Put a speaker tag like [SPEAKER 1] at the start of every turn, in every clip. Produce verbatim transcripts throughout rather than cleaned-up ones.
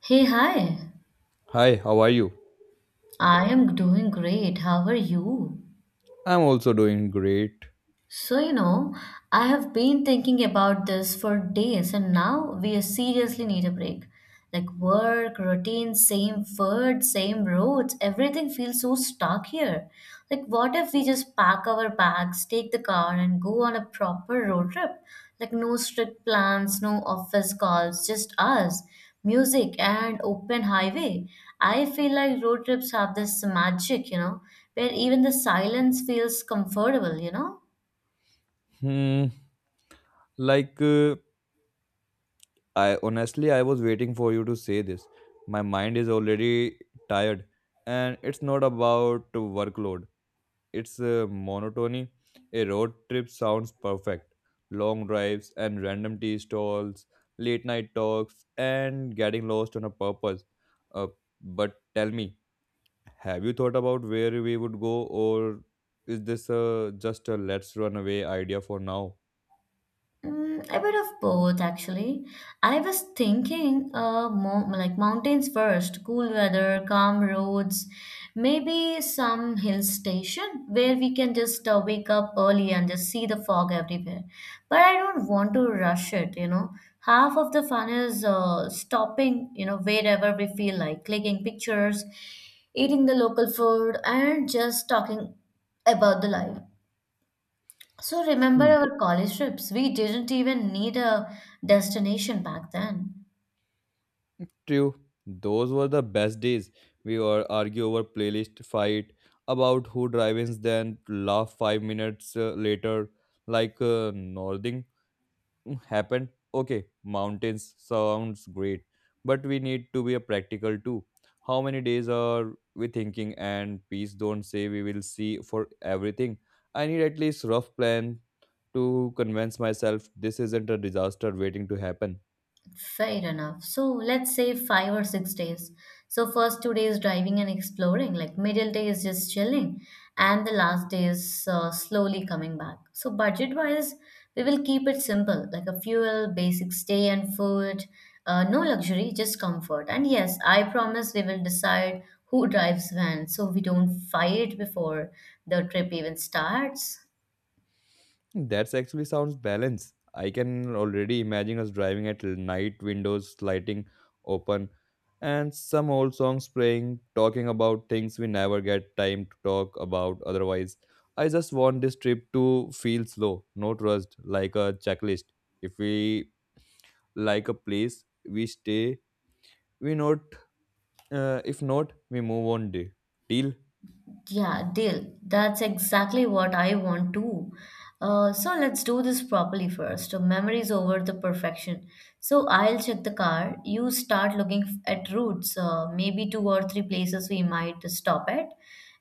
[SPEAKER 1] Hey, hi.
[SPEAKER 2] Hi, how are you?
[SPEAKER 1] I am doing great. How are you?
[SPEAKER 2] I'm also doing great.
[SPEAKER 1] So, you know, I have been thinking about this for days, and now we seriously need a break. Like work, routine, same food, same roads, everything feels so stuck here. Like, what if we just pack our bags, take the car, and go on a proper road trip? Like, no strict plans, no office calls, just us, music, and open highway. I feel like road trips have this magic, you know, where even the silence feels comfortable, you know?
[SPEAKER 2] Hmm, like uh, I honestly I was waiting for you to say this. My mind is already tired, and it's not about workload. It's uh, monotony. A road trip sounds perfect. Long drives and random tea stalls, late night talks and getting lost on a purpose. Uh, but tell me, have you thought about where we would go, or is this uh, just a let's run away idea for now?
[SPEAKER 1] Mm, a bit of both, actually. I was thinking, uh, mo like mountains first, cool weather, calm roads, maybe some hill station where we can just uh, wake up early and just see the fog everywhere. But I don't want to rush it, you know. Half of the fun is uh, stopping, you know, wherever we feel like, clicking pictures, eating the local food, and just talking about the life. So remember
[SPEAKER 2] Hmm.
[SPEAKER 1] our college trips? We didn't even need a destination back then.
[SPEAKER 2] True, those were the best days. We were argue over playlist, fight about who drives, then laugh five minutes uh, later like uh, Mm, happened, okay, mountains sounds great, but we need to be a practical too. How many days are we thinking, and please don't say we will see for everything. I need at least rough plan to convince myself this isn't a disaster waiting to happen.
[SPEAKER 1] Fair enough. So let's say five or six days. So first two days driving and exploring, like middle day is just chilling, and the last day is uh, slowly coming back. So budget wise, we will keep it simple, like a fuel, basic stay and food, uh, no luxury, just comfort. And yes, I promise we will decide who drives when, so we don't fight before the trip even starts.
[SPEAKER 2] That's actually sounds balanced. I can already imagine us driving at night, windows sliding open, and some old songs playing, talking about things we never get time to talk about otherwise. I just want this trip to feel slow, not rushed, like a checklist. If we like a place, we stay. We not. Uh, if not, we move on. Day deal.
[SPEAKER 1] Yeah, deal. That's exactly what I want too. Uh, so let's do this properly first. Memories over the perfection. So I'll check the car. You start looking f- at routes, uh, maybe two or three places we might stop at,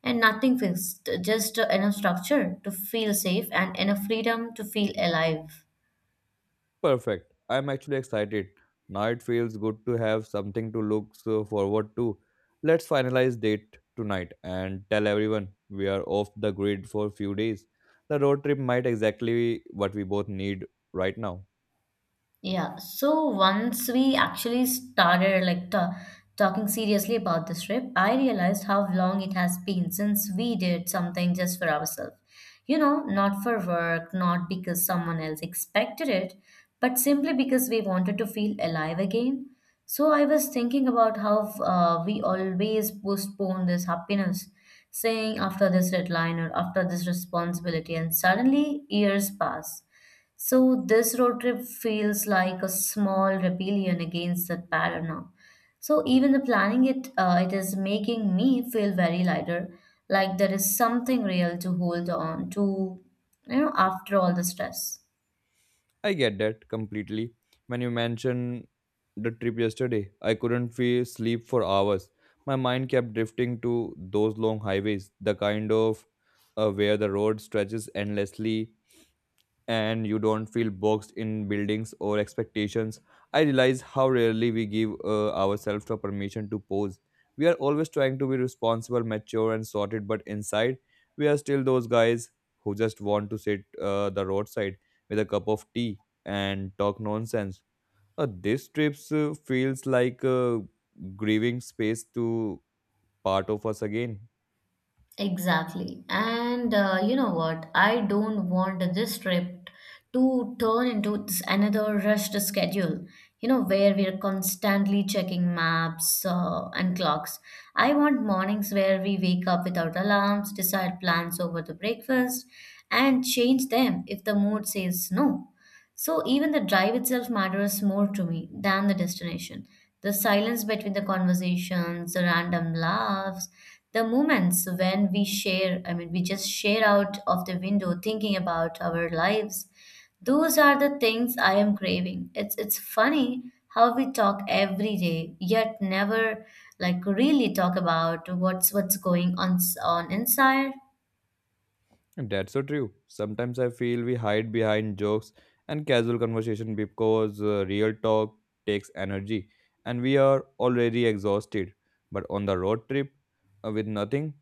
[SPEAKER 1] and nothing fixed, just enough structure to feel safe and enough freedom to feel alive.
[SPEAKER 2] Perfect. I'm actually excited. Now it feels good to have something to look so forward to. Let's finalize date tonight and tell everyone we are off the grid for a few days. The road trip might exactly be what we both need right now.
[SPEAKER 1] Yeah, so once we actually started like ta talking seriously about this trip, I realized how long it has been since we did something just for ourselves. You know, not for work, not because someone else expected it, but simply because we wanted to feel alive again. So I was thinking about how uh, we always postpone this happiness, saying after this deadline or after this responsibility, and suddenly years pass, so this road trip feels like a small rebellion against that pattern now. So even the planning it, uh, it is making me feel very lighter, like there is something real to hold on to, you know, after all the stress.
[SPEAKER 2] I get that completely. When you mentioned the trip yesterday, I couldn't feel sleep for hours. My mind kept drifting to those long highways, the kind of uh, where the road stretches endlessly and you don't feel boxed in buildings or expectations. I realize how rarely we give uh, ourselves the permission to pause. We are always trying to be responsible, mature, and sorted, but inside, we are still those guys who just want to sit uh, the roadside with a cup of tea and talk nonsense. Uh, this trip uh, feels like a grieving space to part of us again.
[SPEAKER 1] Exactly. And uh, you know what? I don't want this trip to turn into this another rushed schedule, you know, where we're constantly checking maps uh, and clocks. I want mornings where we wake up without alarms, decide plans over the breakfast, and change them if the mood says no. So even the drive itself matters more to me than the destination. The silence between the conversations, the random laughs, the moments when we share, I mean, we just share out of the window thinking about our lives. Those are the things I am craving. It's it's funny how we talk every day, yet never like really talk about what's what's going on on inside.
[SPEAKER 2] And that's so true. Sometimes I feel we hide behind jokes and casual conversation because uh, real talk takes energy and we are already exhausted. But on the road trip uh, with nothing,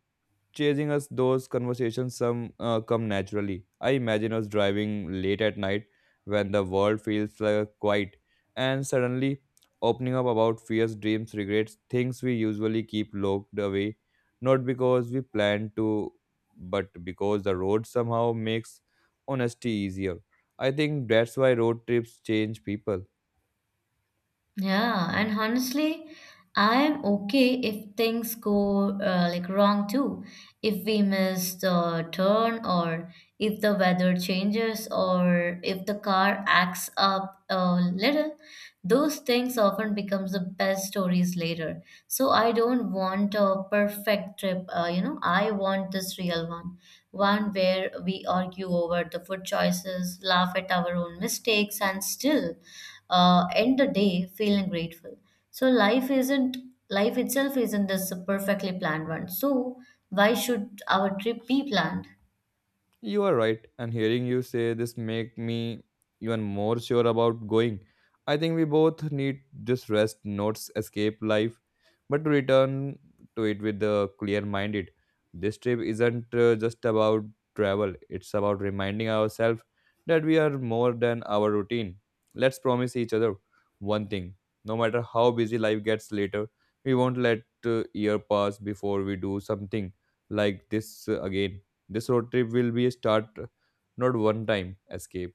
[SPEAKER 2] chasing us those conversations some uh, come naturally. I imagine us driving late at night when the world feels uh, quiet, and suddenly opening up about fears, dreams, regrets, things we usually keep locked away, not because we plan to, but because the road somehow makes honesty easier. I think that's why road trips change people.
[SPEAKER 1] Yeah, and honestly, I am okay if things go uh, like wrong too. If we miss the turn, or if the weather changes, or if the car acts up a little, those things often becomes the best stories later. So I don't want a perfect trip, uh, you know, I want this real one, one where we argue over the food choices, laugh at our own mistakes, and still uh, end the day feeling grateful. So life isn't life itself isn't this perfectly planned one. So why should our trip be planned?
[SPEAKER 2] You are right, and hearing you say this make me even more sure about going. I think we both need this rest, not escape life, but to return to it with a clear minded. This trip isn't uh, just about travel; it's about reminding ourselves that we are more than our routine. Let's promise each other one thing: no matter how busy life gets later, we won't let uh, year pass before we do something like this uh, again. This road trip will be a start, not one time escape.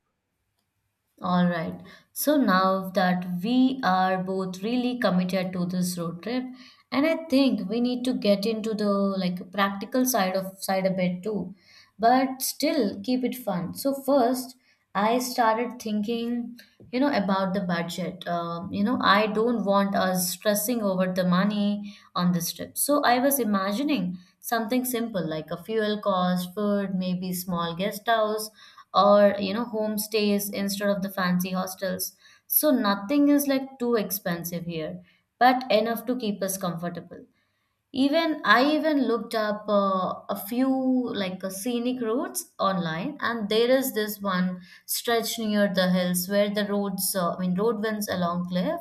[SPEAKER 1] All right. So now that we are both really committed to this road trip, and I think we need to get into the like practical side of side a bit too, but still keep it fun. So first, I started thinking, you know, about the budget. Um, you know, I don't want us stressing over the money on this trip. So I was imagining something simple like a fuel cost, food, maybe small guest house or you know homestays instead of the fancy hostels, so nothing is like too expensive here but enough to keep us comfortable. Even I even looked up uh, a few like uh, scenic routes online, and there is this one stretch near the hills where the roads, uh, I mean, road winds along cliff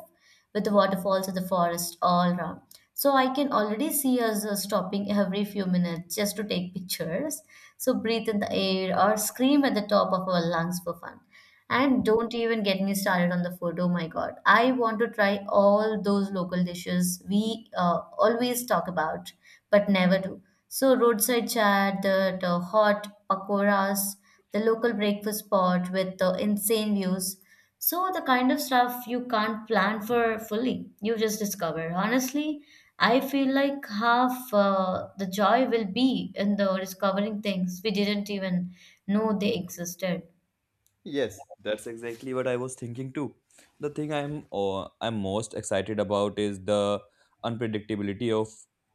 [SPEAKER 1] with the waterfalls and the forest all around. So I can already see us uh, stopping every few minutes just to take pictures. So breathe in the air or scream at the top of our lungs for fun. And don't even get me started on the food. Oh my God. I want to try all those local dishes we uh, always talk about, but never do. So, roadside chat, the, the hot pakoras, the local breakfast spot with the insane views. So, the kind of stuff you can't plan for fully, you just discover. Honestly, I feel like half uh, the joy will be in the discovering things we didn't even know they existed.
[SPEAKER 2] Yes, that's exactly what I was thinking too. The thing I'm uh, I'm most excited about is the unpredictability of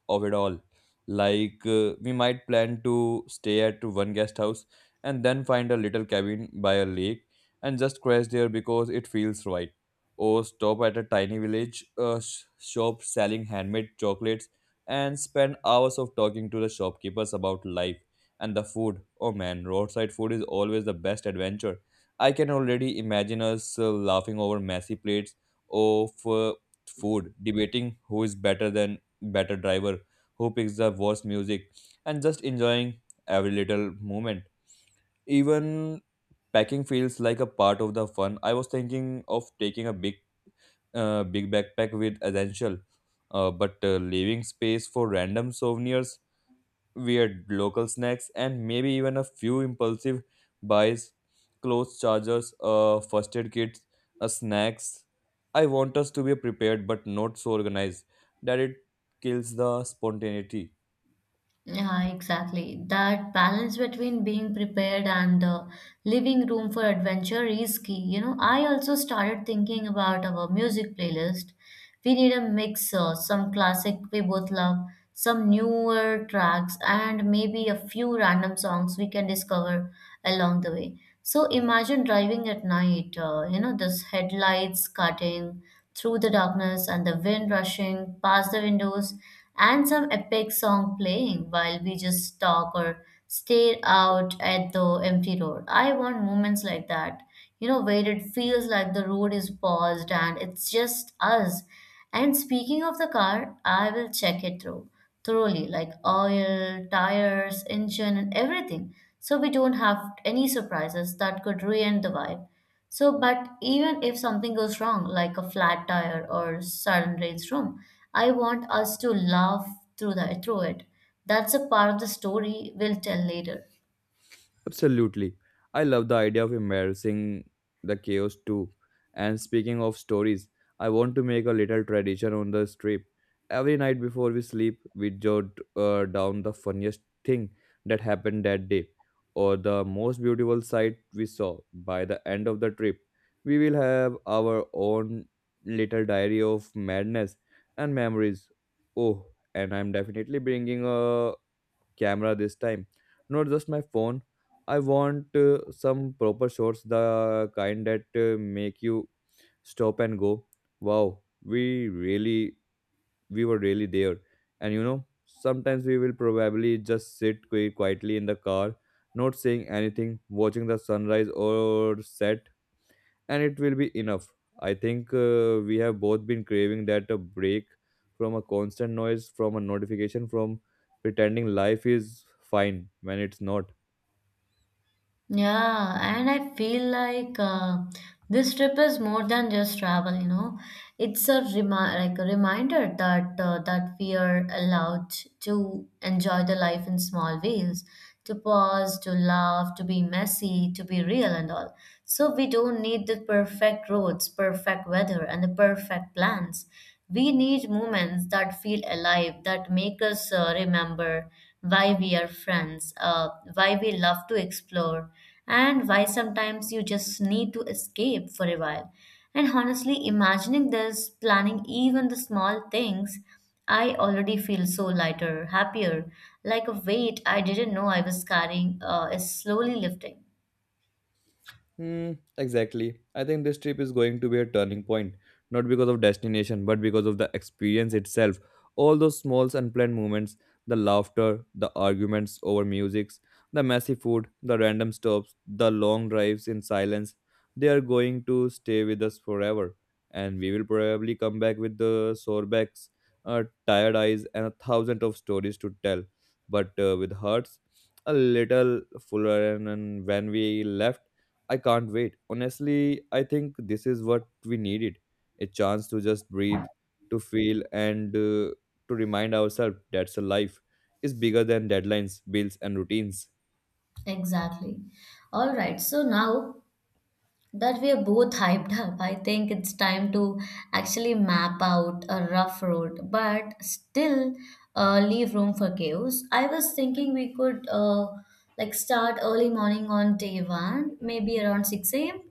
[SPEAKER 2] of it all. Like uh, we might plan to stay at one guest house and then find a little cabin by a lake and just crash there because it feels right. Or stop at a tiny village uh, sh- shop selling handmade chocolates and spend hours of talking to the shopkeepers about life and the food. Oh man, roadside food is always the best adventure. I can already imagine us uh, laughing over messy plates of uh, food, debating who is better than better driver, who picks the worst music, and just enjoying every little moment. Even packing feels like a part of the fun. I was thinking of taking a big, uh, big backpack with essential, uh, but uh, leaving space for random souvenirs, weird local snacks, and maybe even a few impulsive buys, clothes chargers, uh, first aid kits, uh, snacks. I want us to be prepared but not so organized that it kills the spontaneity.
[SPEAKER 1] Yeah, exactly. That balance between being prepared and uh, leaving room for adventure is key. You know, I also started thinking about our music playlist. We need a mix, uh, some classic we both love, some newer tracks, and maybe a few random songs we can discover along the way. So imagine driving at night, uh, you know, this headlights cutting through the darkness and the wind rushing past the windows and some epic song playing while we just talk or stare out at the empty road. I want moments like that, you know, where it feels like the road is paused and it's just us. And speaking of the car, I will check it through thoroughly, like oil, tires, engine, and everything, so we don't have any surprises that could ruin the vibe. So, but even if something goes wrong, like a flat tire or sudden rainstorm, I want us to laugh through that through it. That's a part of the story we'll tell later.
[SPEAKER 2] Absolutely. I love the idea of embarrassing the chaos too. And speaking of stories, I want to make a little tradition on the trip. Every night before we sleep, we jot uh, down the funniest thing that happened that day or the most beautiful sight we saw. By the end of the trip, we will have our own little diary of madness and memories. Oh, and I'm definitely bringing a camera this time, not just my phone. I want uh, some proper shots, the kind that uh, make you stop and go, wow, we really, we were really there. And you know, sometimes we will probably just sit qui- quietly in the car, not saying anything, watching the sunrise or set, and it will be enough. I think uh, we have both been craving that a break from a constant noise, from a notification, from pretending life is fine when it's not.
[SPEAKER 1] Yeah, and I feel like uh, this trip is more than just travel, you know. It's a remi- like a reminder that uh, that we are allowed to enjoy the life in small ways, to pause, to laugh, to be messy, to be real and all. So we don't need the perfect roads, perfect weather, and the perfect plans. We need moments that feel alive, that make us uh, remember why we are friends, uh, why we love to explore, and why sometimes you just need to escape for a while. And honestly, imagining this, planning even the small things, I already feel so lighter, happier, like a weight I didn't know I was carrying uh, is slowly lifting.
[SPEAKER 2] Hmm, exactly. I think this trip is going to be a turning point, not because of destination, but because of the experience itself. All those small unplanned moments, the laughter, the arguments over musics, the messy food, the random stops, the long drives in silence, they are going to stay with us forever. And we will probably come back with the sore backs, uh, tired eyes, and a thousand of stories to tell, but uh, with hearts a little fuller. And, and when we left, I can't wait. Honestly, I think this is what we needed, a chance to just breathe, to feel, and uh, to remind ourselves that a life is bigger than deadlines, bills, and routines.
[SPEAKER 1] Exactly. All right. So now that we are both hyped up. I think it's time to actually map out a rough road, but still uh, leave room for chaos. I was thinking we could uh, like start early morning on day one, maybe around six a.m.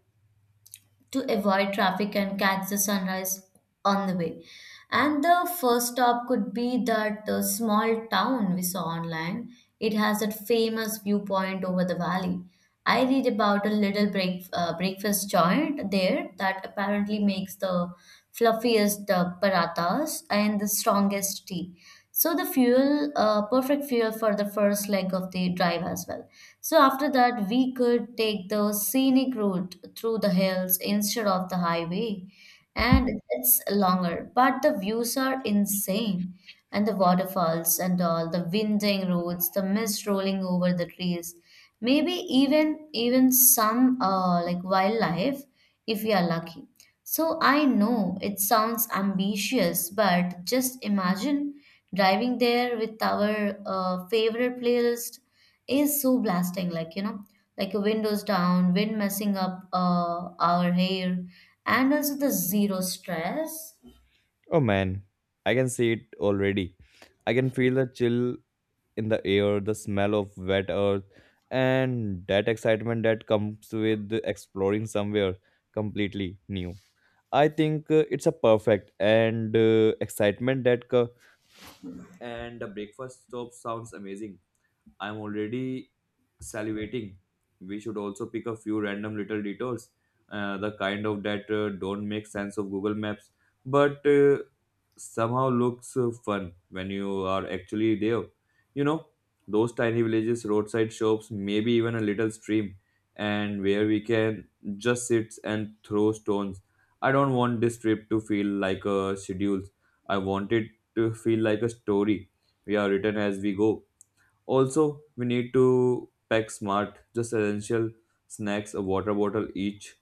[SPEAKER 1] to avoid traffic and catch the sunrise on the way. And the first stop could be that uh, small town we saw online. It has that famous viewpoint over the valley. I read about a little break, uh, breakfast joint there that apparently makes the fluffiest uh, parathas and the strongest tea, so the fuel uh, perfect fuel for the first leg of the drive as well. So after that we could take the scenic route through the hills instead of the highway, and it's longer but the views are insane, and the waterfalls and all the winding roads, the mist rolling over the trees, maybe even even some uh, like wildlife if we are lucky. So I know it sounds ambitious, but just imagine driving there with our uh, favorite playlist is so blasting, like you know, like a windows down, wind messing up uh, our hair, and also the zero stress.
[SPEAKER 2] Oh man, I can see it already. I can feel the chill in the air, the smell of wet earth, and that excitement that comes with exploring somewhere completely new. I think uh, it's a perfect and uh, excitement that co- and the breakfast stop sounds amazing. I'm already salivating. We should also pick a few random little detours, uh, the kind of that uh, don't make sense of Google Maps, but uh, somehow looks uh, fun when you are actually there. You know, those tiny villages, roadside shops, maybe even a little stream, and where we can just sit and throw stones. I don't want this trip to feel like a schedule. I want it to feel like a story we are written as we go. Also, we need to pack smart, just essential snacks, a water bottle each,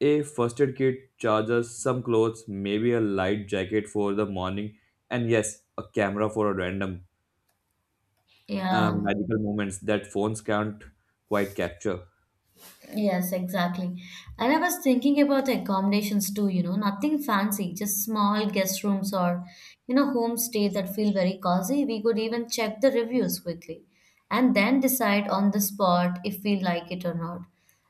[SPEAKER 2] a first aid kit, chargers, some clothes, maybe a light jacket for the morning, and yes, a camera for a random uh,
[SPEAKER 1] Yeah.
[SPEAKER 2] magical moments that phones can't quite capture.
[SPEAKER 1] Yes, exactly. And I was thinking about the accommodations too, you know, nothing fancy, just small guest rooms or, you know, homestay that feel very cozy. We could even check the reviews quickly and then decide on the spot if we like it or not.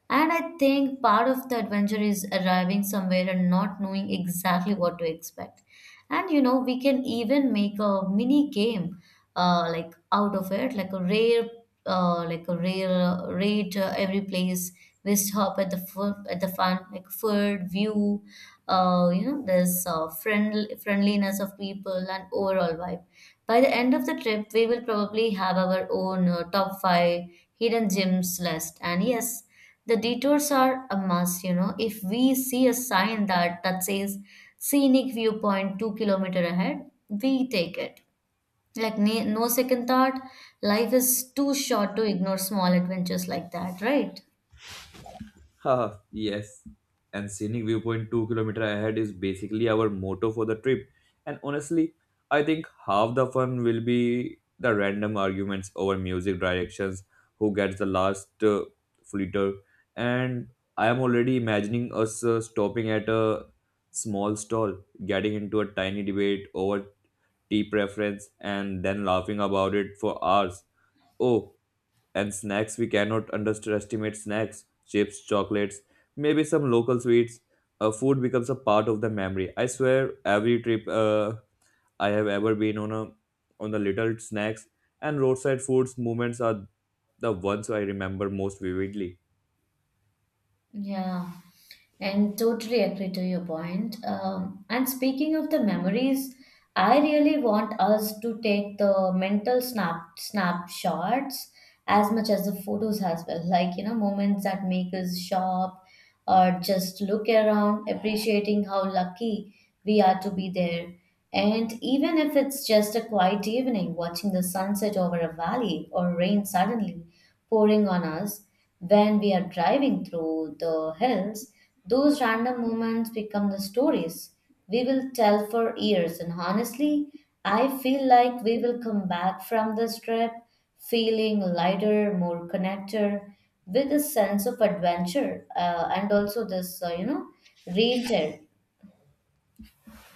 [SPEAKER 1] And I think part of the adventure is arriving somewhere and not knowing exactly what to expect. And you know, we can even make a mini game uh, like out of it, like a rare uh, like a rare rate uh, every place. We stop at the food at the fun like food view. Uh, you know, there's uh, friendly friendliness of people and overall vibe. By the end of the trip, we will probably have our own uh, top five hidden gems list. And yes, the detours are a must. You know, if we see a sign that that says scenic viewpoint two kilometer ahead, we take it. Like na- no second thought, life is too short to ignore small adventures like that, right?
[SPEAKER 2] Ah, yes. And scenic viewpoint two kilometer ahead is basically our motto for the trip. And honestly, I think half the fun will be the random arguments over music directions, who gets the last uh, flitter. And I am already imagining us uh, stopping at a small stall, getting into a tiny debate over tea preference, and then laughing about it for hours. Oh, and snacks, we cannot underestimate snacks, chips, chocolates, maybe some local sweets. Uh, food becomes a part of the memory. I swear, every trip uh, I have ever been on, a on the little snacks and roadside foods moments are the ones I remember most vividly.
[SPEAKER 1] Yeah, and totally agree to your point. Um, and speaking of the memories, I really want us to take the mental snap snapshots as much as the photos as well. Like, you know, moments that make us shop or just look around, appreciating how lucky we are to be there. And even if it's just a quiet evening, watching the sunset over a valley or rain suddenly, pouring on us when we are driving through the hills. Those random moments become the stories we will tell for years. And honestly, I feel like we will come back from this trip feeling lighter, more connected, with a sense of adventure, uh, and also this, uh, you know, real.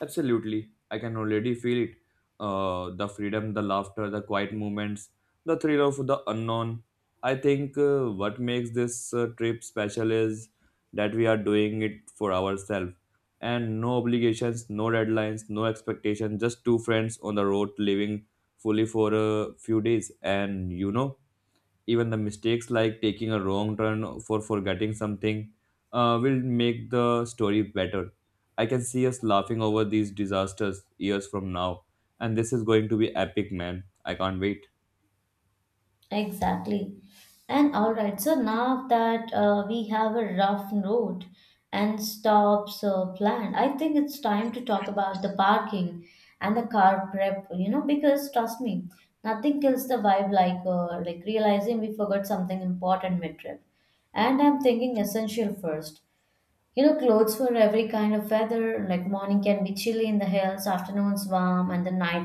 [SPEAKER 2] Absolutely. I can already feel it. Uh, the freedom, the laughter, the quiet moments, the thrill of the unknown. I think uh, what makes this uh, trip special is that we are doing it for ourselves. And no obligations, no deadlines, no expectations, just two friends on the road living fully for a few days. And you know, even the mistakes like taking a wrong turn for forgetting something uh, will make the story better. I can see us laughing over these disasters years from now, and this is going to be epic, man. I can't wait.
[SPEAKER 1] Exactly. And all right, so now that uh, we have a rough road and stops uh, planned, I think it's time to talk about the parking and the car prep, you know, because trust me, nothing kills the vibe like uh, like realizing we forgot something important mid-trip. And I'm thinking essential first. You know, clothes for every kind of weather, like morning can be chilly in the hills, afternoons warm, and the nights